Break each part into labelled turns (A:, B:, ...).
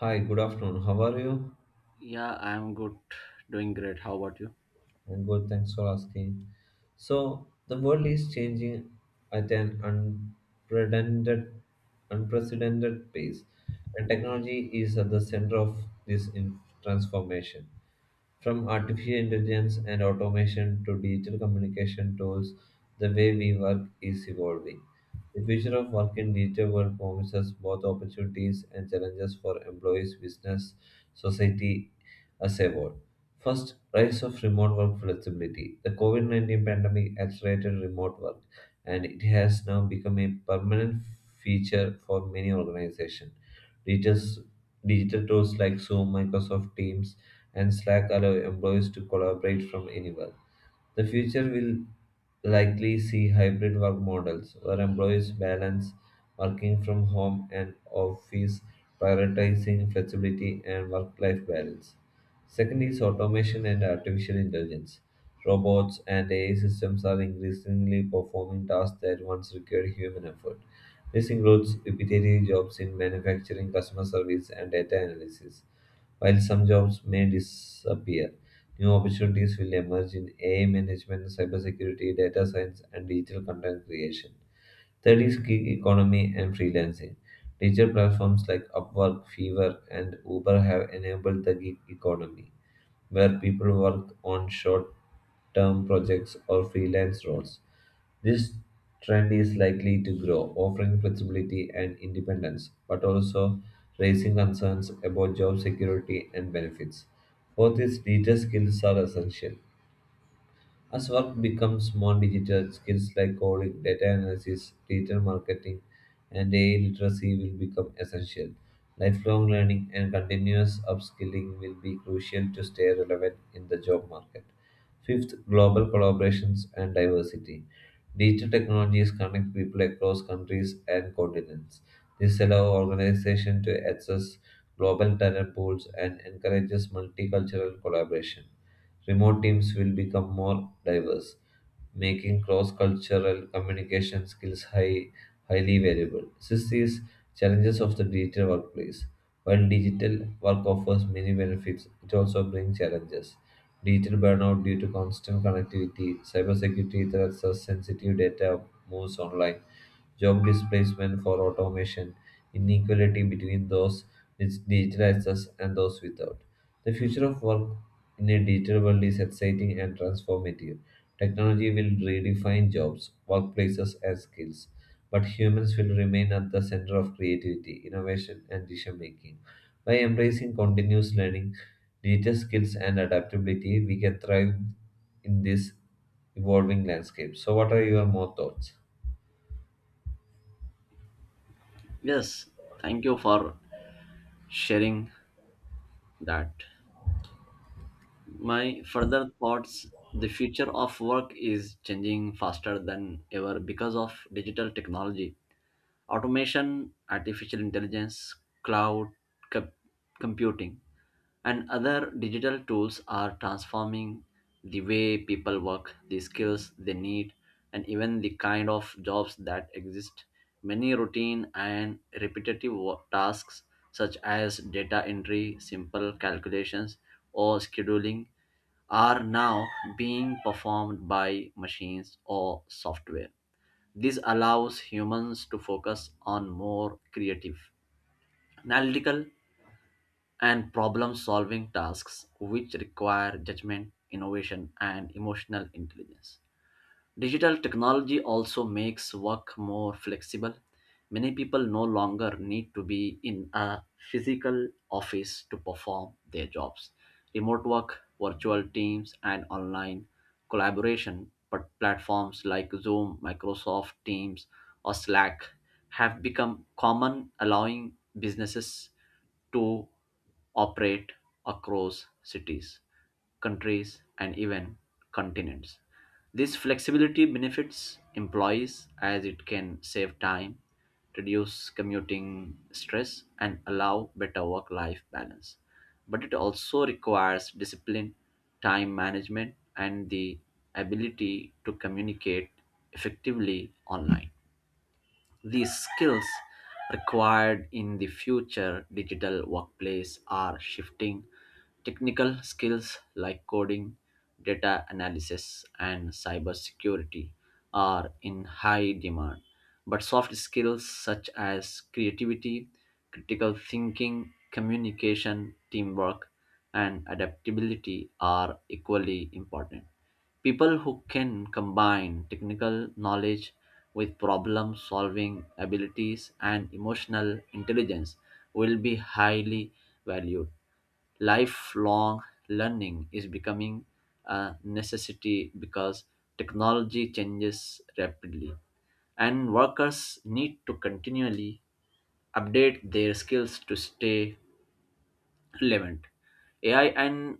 A: Hi, good afternoon. How are you?
B: Yeah, I'm good. Doing great. How about you?
A: I'm good, thanks for asking. So, the world is changing at an unprecedented pace, and technology is at the center of this transformation. From artificial intelligence and automation to digital communication tools, the way we work is evolving. The future of work in digital world promises both opportunities and challenges for employees, business, society as a whole. First, rise of remote work flexibility. The COVID-19 pandemic accelerated remote work and it has now become a permanent feature for many organizations. Digital, Digital tools like Zoom, Microsoft Teams, and Slack allow employees to collaborate from anywhere. The future will likely see hybrid work models where employees balance working from home and office, prioritizing flexibility and work life balance. Second is automation and artificial intelligence. Robots and AI systems are increasingly performing tasks that once required human effort. This includes repetitive jobs in manufacturing, customer service, and data analysis. While some jobs may disappear, new opportunities will emerge in AI management, cybersecurity, data science, and digital content creation. Third is gig economy and freelancing. Digital platforms like Upwork, Fiverr, and Uber have enabled the gig economy where people work on short term projects or freelance roles. This trend is likely to grow, offering flexibility and independence, but also raising concerns about job security and benefits. Both these digital skills are essential, as work becomes more digital, skills like coding, data analysis, digital marketing, and AI literacy will become essential. Lifelong learning and continuous upskilling will be crucial to stay relevant in the job market. Fifth, global collaborations and diversity. Digital technologies connect people across countries and continents. This allows organizations to access global talent pools and encourages multicultural collaboration. Remote teams will become more diverse, making cross-cultural communication skills highly valuable. This is challenges of the digital workplace. While digital work offers many benefits, it also brings challenges. Digital burnout due to constant connectivity, cybersecurity threats as sensitive data moves online, job displacement for automation, inequality between those with digital access and those without. The future of work in a digital world is exciting and transformative. Technology will redefine jobs, workplaces, and skills, but humans will remain at the center of creativity, innovation, and decision making. By embracing continuous learning, digital skills, and adaptability, we can thrive in this evolving landscape. So, what are your more thoughts?
B: Yes, thank you for sharing that. My further thoughts, the future of work is changing faster than ever because of digital technology. Automation, artificial intelligence, cloud co- computing, and other digital tools are transforming the way people work, the skills they need, and even the kind of jobs that exist. Many routine and repetitive tasks, such as data entry, simple calculations, or scheduling, are now being performed by machines or software. This allows humans to focus on more creative, analytical, and problem solving tasks which require judgment, innovation, and emotional intelligence. Digital technology also makes work more flexible. Many people no longer need to be in a physical office to perform their jobs. Remote work, virtual teams, and online collaboration but platforms like Zoom, Microsoft Teams, or Slack have become common, allowing businesses to operate across cities, countries, and even continents. This flexibility benefits employees as it can save time, reduce commuting stress, and allow better work life balance. But it also requires discipline, time management, and the ability to communicate effectively online. These skills required in the future digital workplace are shifting. Technical skills like coding, data analysis, and cybersecurity are in high demand. But soft skills such as creativity, critical thinking, communication, teamwork, and adaptability are equally important. People who can combine technical knowledge with problem solving abilities and emotional intelligence will be highly valued. Lifelong learning is becoming a necessity because technology changes rapidly and workers need to continually update their skills to stay relevant. AI and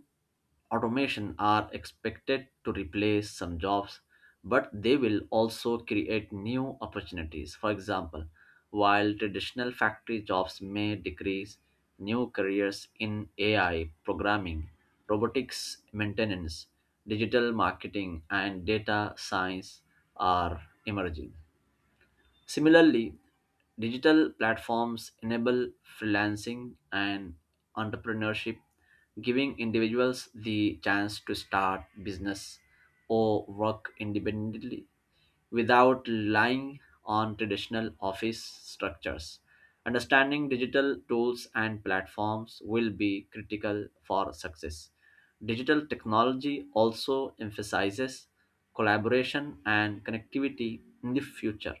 B: automation are expected to replace some jobs, but they will also create new opportunities. For example, while traditional factory jobs may decrease, new careers in AI programming, robotics maintenance, digital marketing, and data science are emerging. Similarly, digital platforms enable freelancing and entrepreneurship, giving individuals the chance to start business or work independently without relying on traditional office structures. Understanding digital tools and platforms will be critical for success. Digital technology also emphasizes collaboration and connectivity in the future.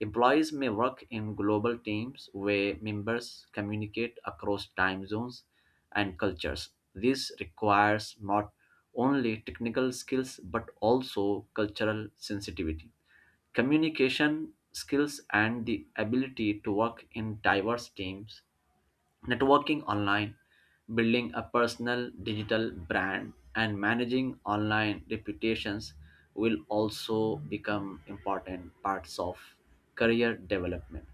B: Employees may work in global teams where members communicate across time zones and cultures. This requires not only technical skills but also cultural sensitivity. Communication skills and the ability to work in diverse teams. Networking online, building a personal digital brand, and managing online reputations will also become important parts of career development.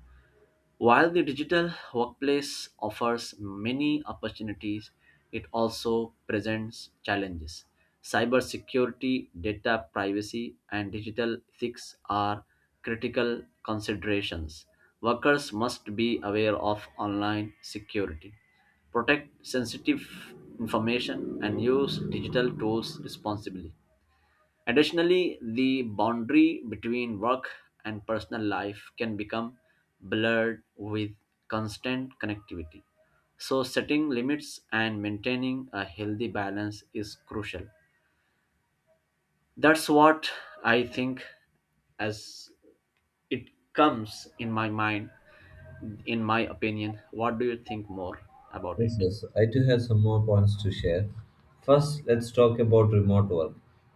B: While the digital workplace offers many opportunities, it also presents challenges. Cybersecurity, data privacy, and digital ethics are critical considerations. Workers must be aware of online security, protect sensitive information, and use digital tools responsibly. Additionally, the boundary between work and personal life can become blurred with constant connectivity. So, setting limits and maintaining a healthy balance is crucial. That's what I think as it comes in my mind, in my opinion. What do you think more about
A: Yes,
B: it?
A: yes. I too have some more points to share. First, let's talk about remote work.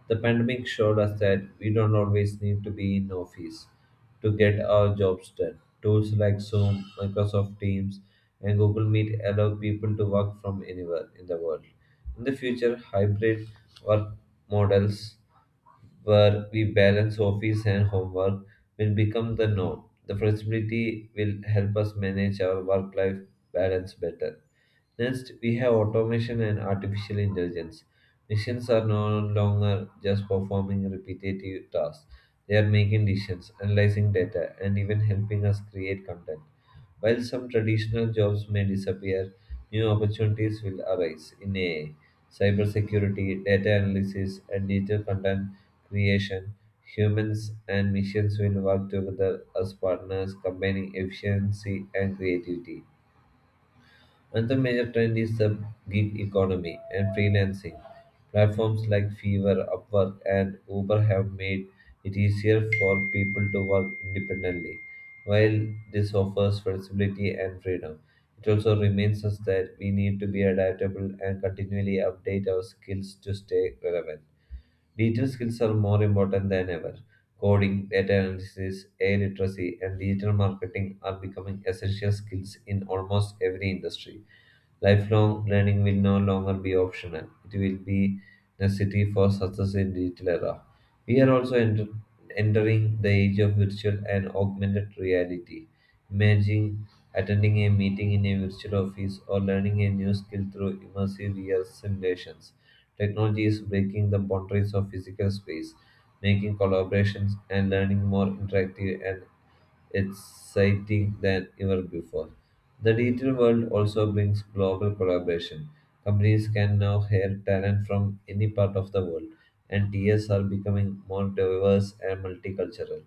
A: The pandemic showed us that we don't always need to be in office to get our jobs done. Tools like Zoom, Microsoft Teams, and Google Meet allow people to work from anywhere in the world. In the future, hybrid work models where we balance office and homework will become the norm. The flexibility will help us manage our work life balance better. Next, we have automation and artificial intelligence. Machines are no longer just performing repetitive tasks, they are making decisions, analyzing data, and even helping us create content. While some traditional jobs may disappear, new opportunities will arise in AI, cybersecurity, data analysis, and digital content creation. Humans and machines will work together as partners, combining efficiency and creativity. Another major trend is the gig economy and freelancing. Platforms like Fiverr, Upwork, and Uber have made it easier for people to work independently. While this offers flexibility and freedom, it also reminds us that we need to be adaptable and continually update our skills to stay relevant. Digital skills are more important than ever. Coding, data analysis, AI literacy, and digital marketing are becoming essential skills in almost every industry. Lifelong learning will no longer be optional. It will be necessity for success in digital era. We are also entering the age of virtual and augmented reality. Imagine attending a meeting in a virtual office or learning a new skill through immersive VR simulations. Technology is breaking the boundaries of physical space, making collaborations and learning more interactive and exciting than ever before. The digital world also brings global collaboration. Companies can now hire talent from any part of the world, and TS are becoming more diverse and multicultural.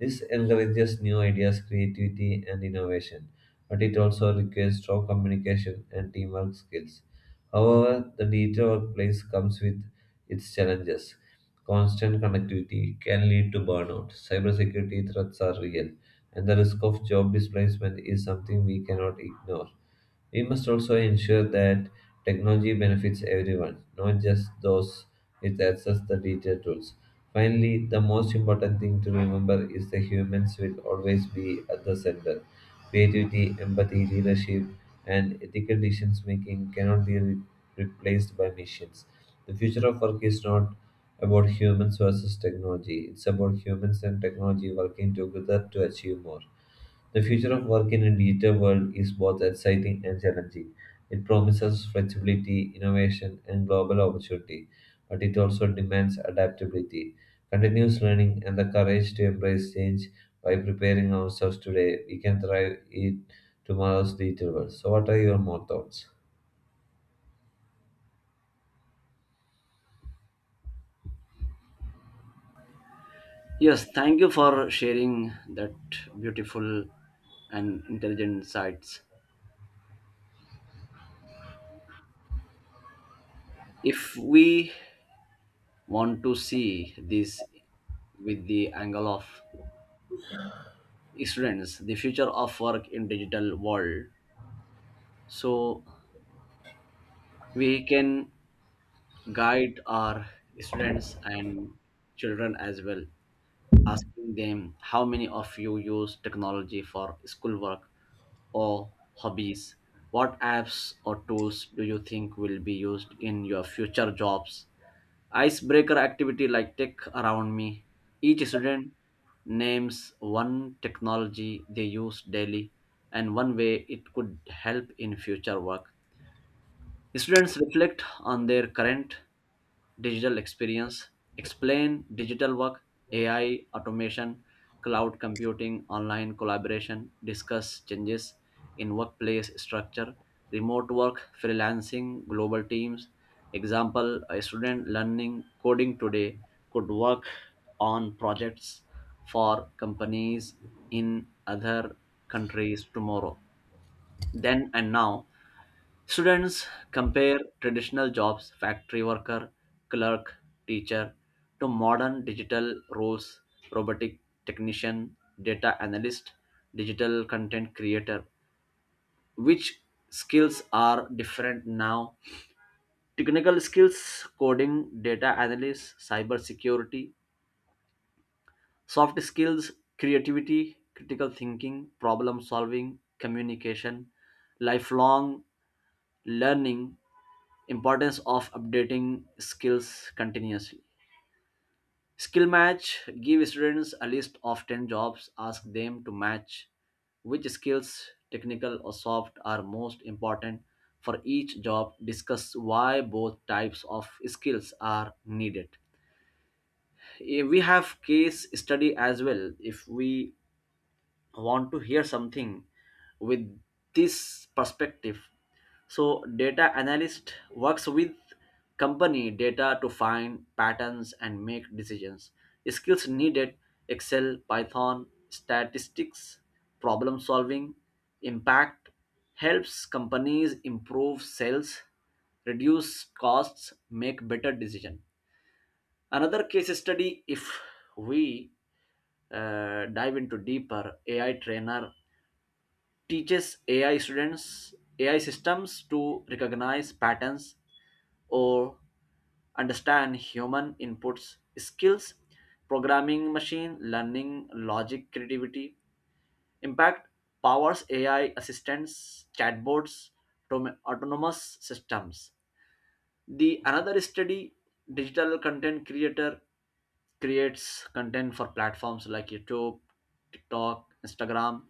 A: This encourages new ideas, creativity, and innovation, but it also requires strong communication and teamwork skills. However, the digital workplace comes with its challenges. Constant connectivity can lead to burnout. Cybersecurity threats are real and the risk of job displacement is something we cannot ignore. We must also ensure that technology benefits everyone, not just those with access to digital tools. Finally, the most important thing to remember is that humans will always be at the center. Creativity, empathy, leadership, and ethical decision making cannot be replaced by machines. The future of work is not about humans versus technology, it's about humans and technology working together to achieve more. The future of work in a digital world is both exciting and challenging. It promises flexibility, innovation, and global opportunity, but it also demands adaptability, continuous learning, and the courage to embrace change. By preparing ourselves today, we can thrive in tomorrow's digital world. So, what are your more thoughts?
B: Yes, thank you for sharing that beautiful and intelligent insights. If we want to see this with the angle of students, the future of work in digital world, so we can guide our students and children as well, asking them how many of you use technology for schoolwork or hobbies, what apps or tools do you think will be used in your future jobs. Icebreaker activity like tech around me. Each student names one technology they use daily and one way it could help in future work. Students reflect on their current digital experience, explain digital work, AI, automation, cloud computing, online collaboration, discuss changes in workplace structure, remote work, freelancing, global teams. Example: a student learning coding today could work on projects for companies in other countries tomorrow. Then and now, students compare traditional jobs, factory worker, clerk, teacher, to modern digital roles, robotic technician, data analyst, digital content creator. Which skills are different now? Technical skills, coding, data analysis, cyber security, soft skills, creativity, critical thinking, problem solving, communication, lifelong learning, importance of updating skills continuously. Skill match, give students a list of 10 jobs, ask them to match which skills technical or soft are most important for each job, discuss why both types of skills are needed. We have case study as well if we want to hear something with this perspective, so data analyst works with company data to find patterns and make decisions, skills needed, excel python statistics problem solving, impact, helps companies improve sales, reduce costs, make better decision. Another case study, if we dive into deeper, ai trainer teaches AI students, AI systems to recognize patterns or understand human inputs, skills, programming, machine learning, logic, creativity. Impact, powers AI assistants, chatbots, autonomous systems. The another study, digital content creator creates content for platforms like YouTube, TikTok, Instagram.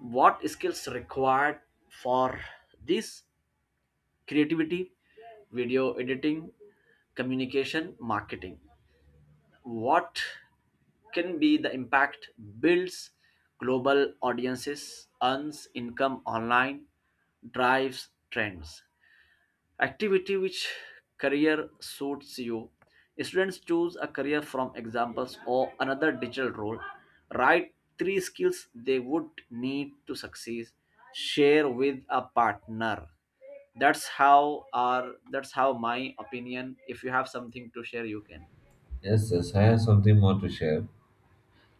B: What skills required for this? Creativity, video editing, communication, marketing. What can be the impact? Builds global audiences, earns income online, drives trends. Activity, which career suits you? Students choose a career from examples or another digital role, write three skills they would need to succeed, share with a partner. That's how my opinion. If you have something to share, you can.
A: Yes, yes, I have something more to share.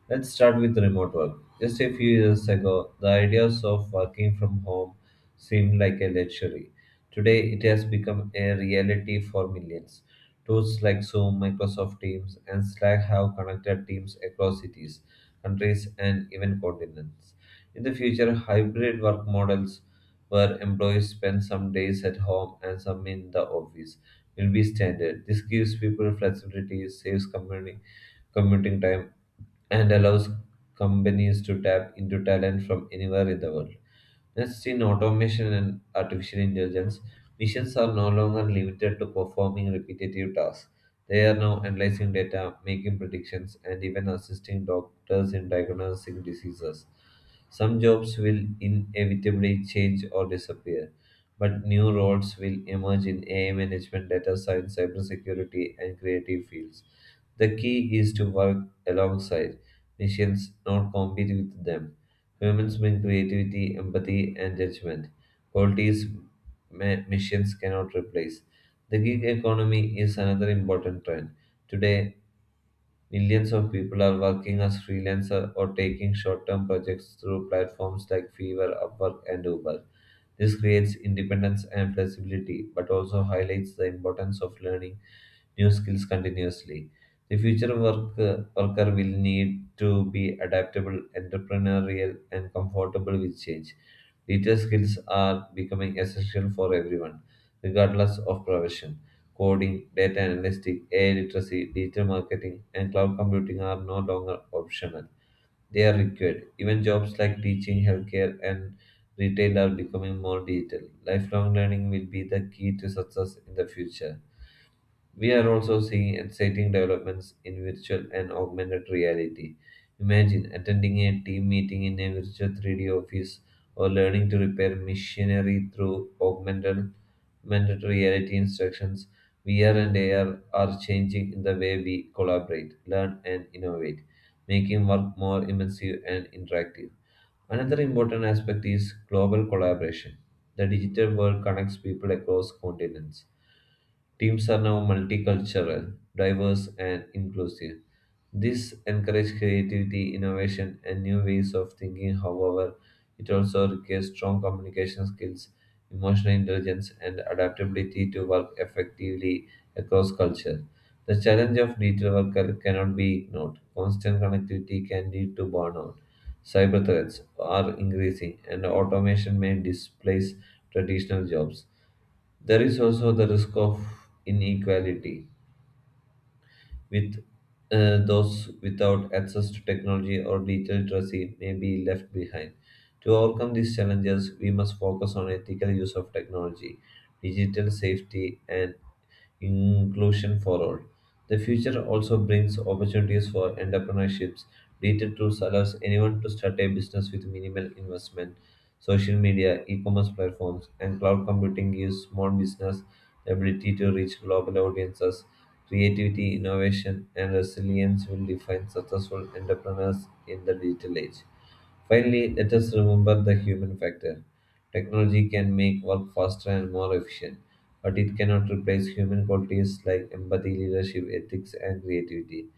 A: Let's start with remote work. Just a few years ago, the ideas of working from home seemed like a luxury. Today, it has become a reality for millions. Tools like Zoom, Microsoft Teams, and Slack have connected teams across cities, countries, and even continents. In the future, hybrid work models where employees spend some days at home and some in the office will be standard. This gives people flexibility, saves company commuting time, and allows companies to tap into talent from anywhere in the world. Next, in automation and artificial intelligence, machines are no longer limited to performing repetitive tasks. They are now analyzing data, making predictions, and even assisting doctors in diagnosing diseases. Some jobs will inevitably change or disappear, but new roles will emerge in AI management, data science, cybersecurity, and creative fields. The key is to work alongside machines, not compete with them. Humans bring creativity, empathy, and judgment, qualities machines cannot replace. The gig economy is another important trend. Today, millions of people are working as freelancers or taking short term projects through platforms like Fiverr, Upwork, and Uber. This creates independence and flexibility, but also highlights the importance of learning new skills continuously. The worker will need to be adaptable, entrepreneurial, and comfortable with change. Digital skills are becoming essential for everyone, regardless of profession. Coding, data analytics, AI literacy, digital marketing, and cloud computing are no longer optional. They are required. Even jobs like teaching, healthcare, and retail are becoming more digital. Lifelong learning will be the key to success in the future. We are also seeing exciting developments in virtual and augmented reality. Imagine attending a team meeting in a virtual 3D office or learning to repair machinery through augmented reality instructions. VR and AR are changing the way we collaborate, learn, and innovate, making work more immersive and interactive. Another important aspect is global collaboration. The digital world connects people across continents. Teams are now multicultural, diverse, and inclusive. This encourages creativity, innovation, and new ways of thinking. However, it also requires strong communication skills, emotional intelligence, and adaptability to work effectively across culture. The challenge of digital worker cannot be ignored. Constant connectivity can lead to burnout. Cyber threats are increasing, and automation may displace traditional jobs. There is also the risk of inequality, with those without access to technology or digital literacy may be left behind. To overcome these challenges, we must focus on ethical use of technology, digital safety, and inclusion for all. The future also brings opportunities for entrepreneurships. Digital tools allows anyone to start a business with minimal investment, social media, e-commerce platforms, and cloud computing gives small business the ability to reach global audiences. Creativity, innovation, and resilience will define successful entrepreneurs in the digital age. Finally, let us remember the human factor. Technology can make work faster and more efficient, but it cannot replace human qualities like empathy, leadership, ethics, and creativity.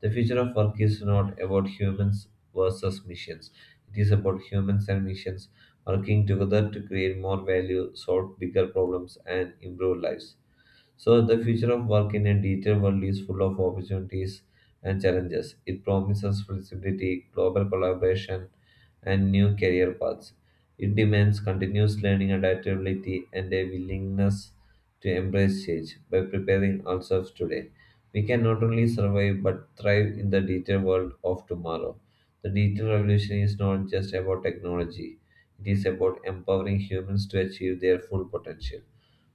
A: The future of work is not about humans versus missions. It is about humans and missions working together to create more value, solve bigger problems, and improve lives. So, the future of work in a digital world is full of opportunities and challenges. It promises flexibility, global collaboration, and new career paths. It demands continuous learning, adaptability, and a willingness to embrace change by preparing ourselves today. We can not only survive but thrive in the digital world of tomorrow. The digital revolution is not just about technology, it is about empowering humans to achieve their full potential.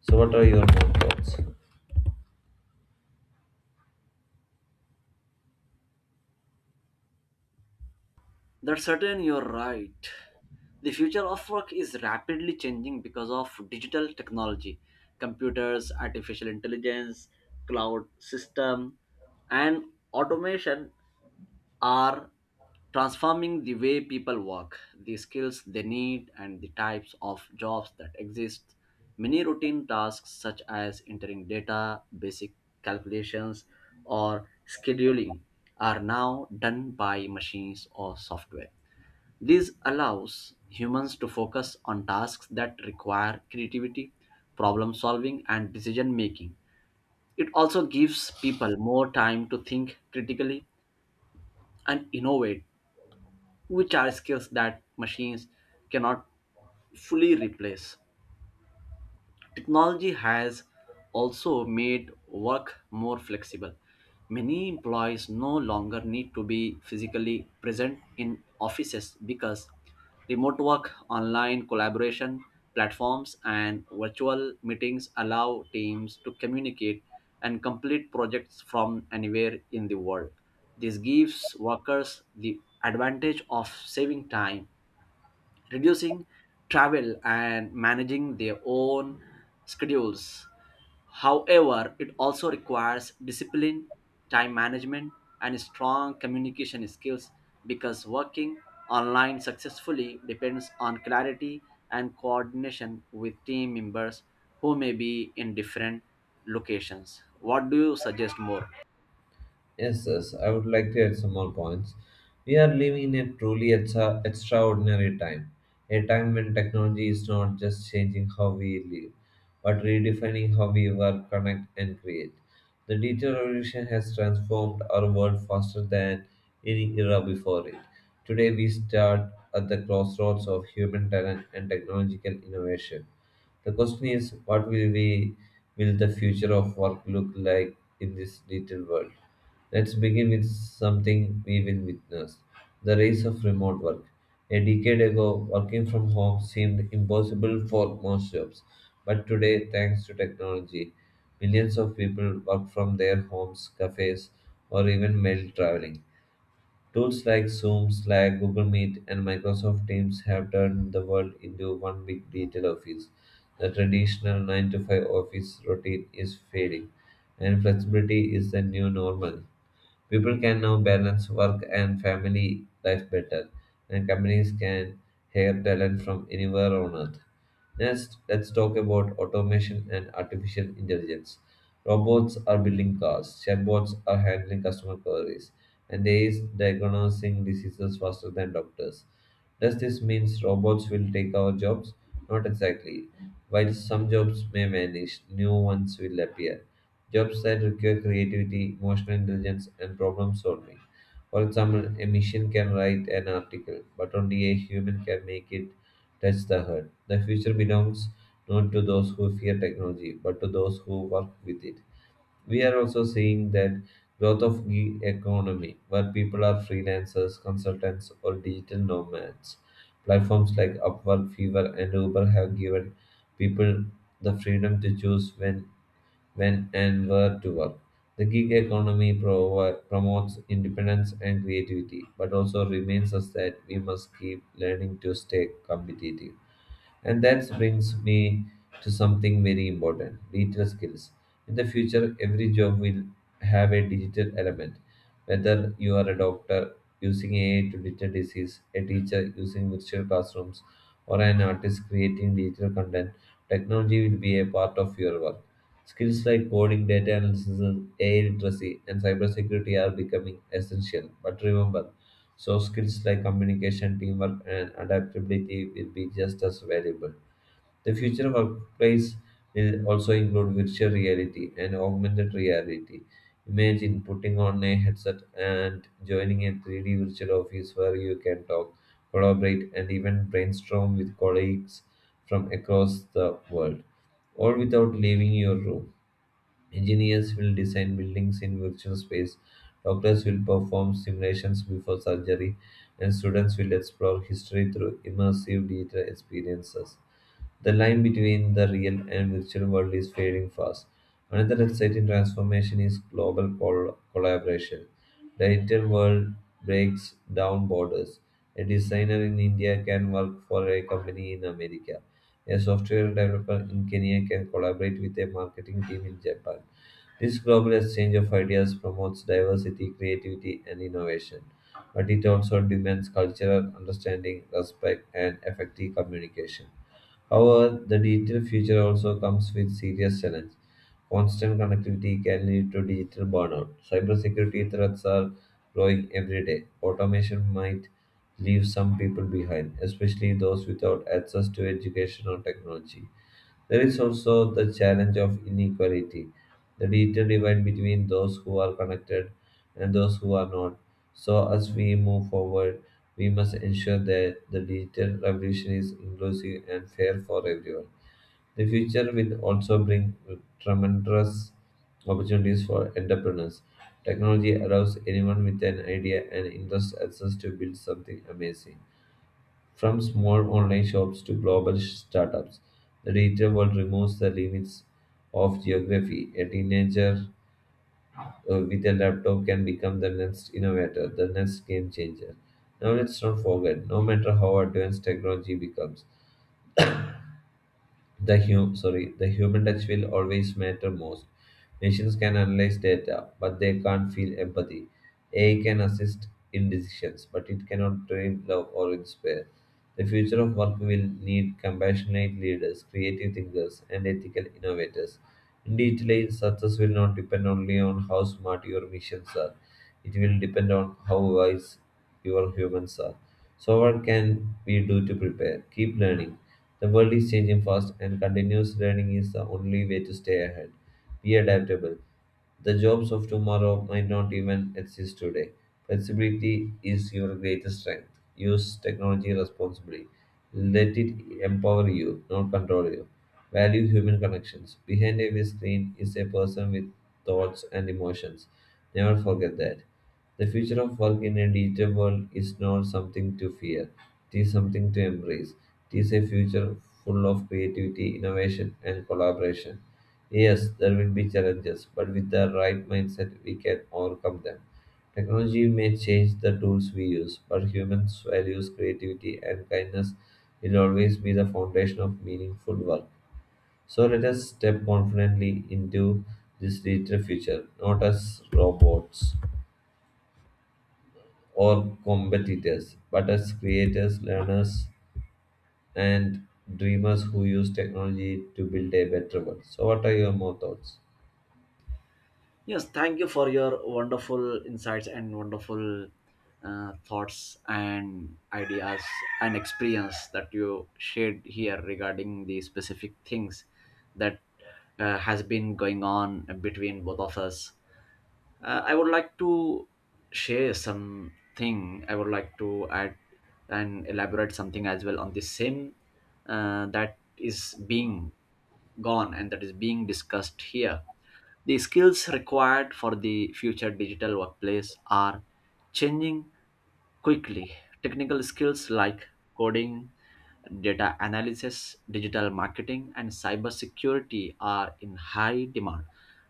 A: So, what are your more thoughts?
B: That's certain, you're right. The future of work is rapidly changing because of digital technology, computers, artificial intelligence, cloud system, and automation are transforming the way people work, the skills they need, and the types of jobs that exist. Many routine tasks, such as entering data, basic calculations, or scheduling, are now done by machines or software. This allows humans to focus on tasks that require creativity, problem solving, and decision making. It also gives people more time to think critically and innovate, which are skills that machines cannot fully replace. Technology has also made work more flexible. Many employees no longer need to be physically present in offices because remote work, online collaboration platforms, and virtual meetings allow teams to communicate and complete projects from anywhere in the world. This gives workers the advantage of saving time, reducing travel, and managing their own schedules. However, it also requires discipline, time management, and strong communication skills because working online successfully depends on clarity and coordination with team members who may be in different locations. What do you suggest more?
A: Yes, yes, I would like to add some more points. We are living in a truly extraordinary time, a time when technology is not just changing how we live, but redefining how we work, connect, and create. The digital revolution has transformed our world faster than any era before it. Today, we start at the crossroads of human talent and technological innovation. The question is, what will we will the future of work look like in this digital world? Let's begin with something we will witness the rise of remote work. A decade ago, working from home seemed impossible for most jobs. But today, thanks to technology, millions of people work from their homes, cafes, or even while traveling. Tools like Zoom, Slack, Google Meet, and Microsoft Teams have turned the world into one big digital office. The traditional 9 to 5 office routine is fading, and flexibility is the new normal. People can now balance work and family life better, and companies can hire talent from anywhere on earth. Next, let's talk about automation and artificial intelligence. Robots are building cars, chatbots are handling customer queries, and AI is diagnosing diseases faster than doctors. Does this mean robots will take our jobs? Not exactly. While some jobs may vanish, new ones will appear. Jobs that require creativity, emotional intelligence, and problem solving. For example, a machine can write an article, but only a human can make it touch the heart. The future belongs not to those who fear technology, but to those who work with it. We are also seeing that growth of gig economy, where people are freelancers, consultants, or digital nomads. Platforms like Upwork, Fiverr, and Uber have given people the freedom to choose when and where to work. The gig economy promotes independence and creativity, but also reminds us that we must keep learning to stay competitive. And that brings me to something very important, digital skills. In the future, every job will have a digital element. Whether you are a doctor using AI to detect disease, a teacher using virtual classrooms, or an artist creating digital content, technology will be a part of your work. Skills like coding, data analysis, AI literacy, and cybersecurity are becoming essential. But remember, soft skills like communication, teamwork, and adaptability will be just as valuable. The future workplace will also include virtual reality and augmented reality. Imagine putting on a headset and joining a 3D virtual office where you can talk, collaborate, and even brainstorm with colleagues from across the world, all without leaving your room. Engineers will design buildings in virtual space, doctors will perform simulations before surgery, and students will explore history through immersive digital experiences. The line between the real and virtual world is fading fast. Another exciting transformation is global collaboration. The digital world breaks down borders. A designer in India can work for a company in America. A software developer in Kenya can collaborate with a marketing team in Japan. This global exchange of ideas promotes diversity, creativity, and innovation, but it also demands cultural understanding, respect, and effective communication. However, the digital future also comes with serious challenges. Constant connectivity can lead to digital burnout. Cybersecurity threats are growing every day. Automation might leave some people behind, especially those without access to education or technology. There is also the challenge of inequality, the digital divide between those who are connected and those who are not. So, as we move forward, we must ensure that the digital revolution is inclusive and fair for everyone. The future will also bring tremendous opportunities for entrepreneurs. Technology allows anyone with an idea and interest access to build something amazing. From small online shops to global startups, the digital world removes the limits of geography. A teenager with a laptop can become the next innovator, the next game changer. Now let's not forget, no matter how advanced technology becomes, the human touch will always matter most. Machines can analyze data, but they can't feel empathy. AI can assist in decisions, but it cannot train love or inspire. The future of work will need compassionate leaders, creative thinkers, and ethical innovators. Indeed, success will not depend only on how smart your missions are. It will depend on how wise your humans are. So, what can we do to prepare? Keep learning, the world is changing fast, and continuous learning is the only way to stay ahead. Be adaptable. The jobs of tomorrow might not even exist today. Flexibility is your greatest strength. Use technology responsibly. Let it empower you, not control you. Value human connections. Behind every screen is a person with thoughts and emotions. Never forget that. The future of work in a digital world is not something to fear, it is something to embrace. It is a future full of creativity, innovation, and collaboration. Yes, there will be challenges, but with the right mindset, we can overcome them. Technology may change the tools we use, but humans' values, creativity, and kindness will always be the foundation of meaningful work. So let us step confidently into this digital future, not as robots or competitors, but as creators, learners, and dreamers who use technology to build a better world. So, what are your more thoughts?
B: Yes, thank you for your wonderful insights and wonderful thoughts and ideas and experience that you shared here regarding the specific things that has been going on between both of us. I would like to share something. I would like to add and elaborate something as well on the same that is being gone and that is being discussed here. The skills required for the future digital workplace are changing quickly. Technical skills like coding, data analysis, digital marketing, and cybersecurity are in high demand.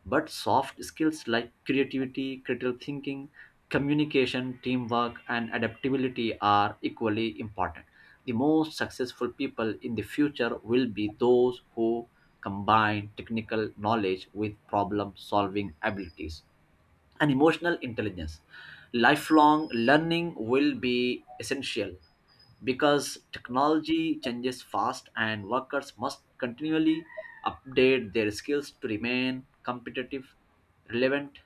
B: But soft skills like creativity, critical thinking, communication, teamwork, and adaptability are equally important. The most successful people in the future will be those who combine technical knowledge with problem solving abilities and emotional intelligence. Lifelong learning will be essential because technology changes fast and workers must continually update their skills to remain competitive, relevant.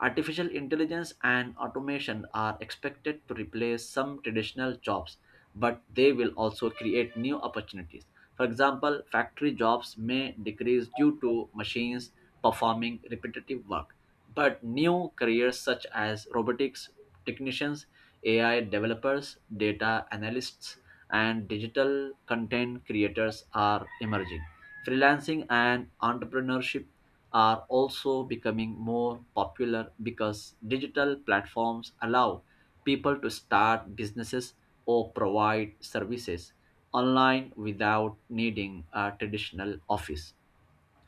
B: Artificial intelligence and automation are expected to replace some traditional jobs, but they will also create new opportunities. For example, factory jobs may decrease due to machines performing repetitive work, but new careers such as robotics technicians, AI developers, data analysts, and digital content creators are emerging. Freelancing and entrepreneurship are also becoming more popular because digital platforms allow people to start businesses or provide services online without needing a traditional office.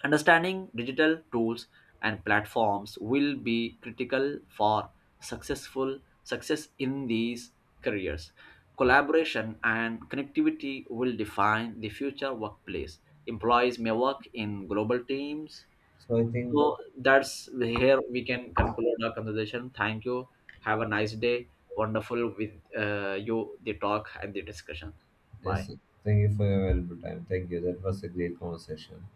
B: Understanding digital tools and platforms will be critical for successful success in these careers. Collaboration and connectivity will define the future workplace. Employees may work in global teams,
A: So, I think,
B: so that's here we can conclude our conversation. Thank you. Have a nice day. Wonderful with you, the talk and the discussion. Bye.
A: yes, thank you for your valuable time. Thank you. That was a great conversation.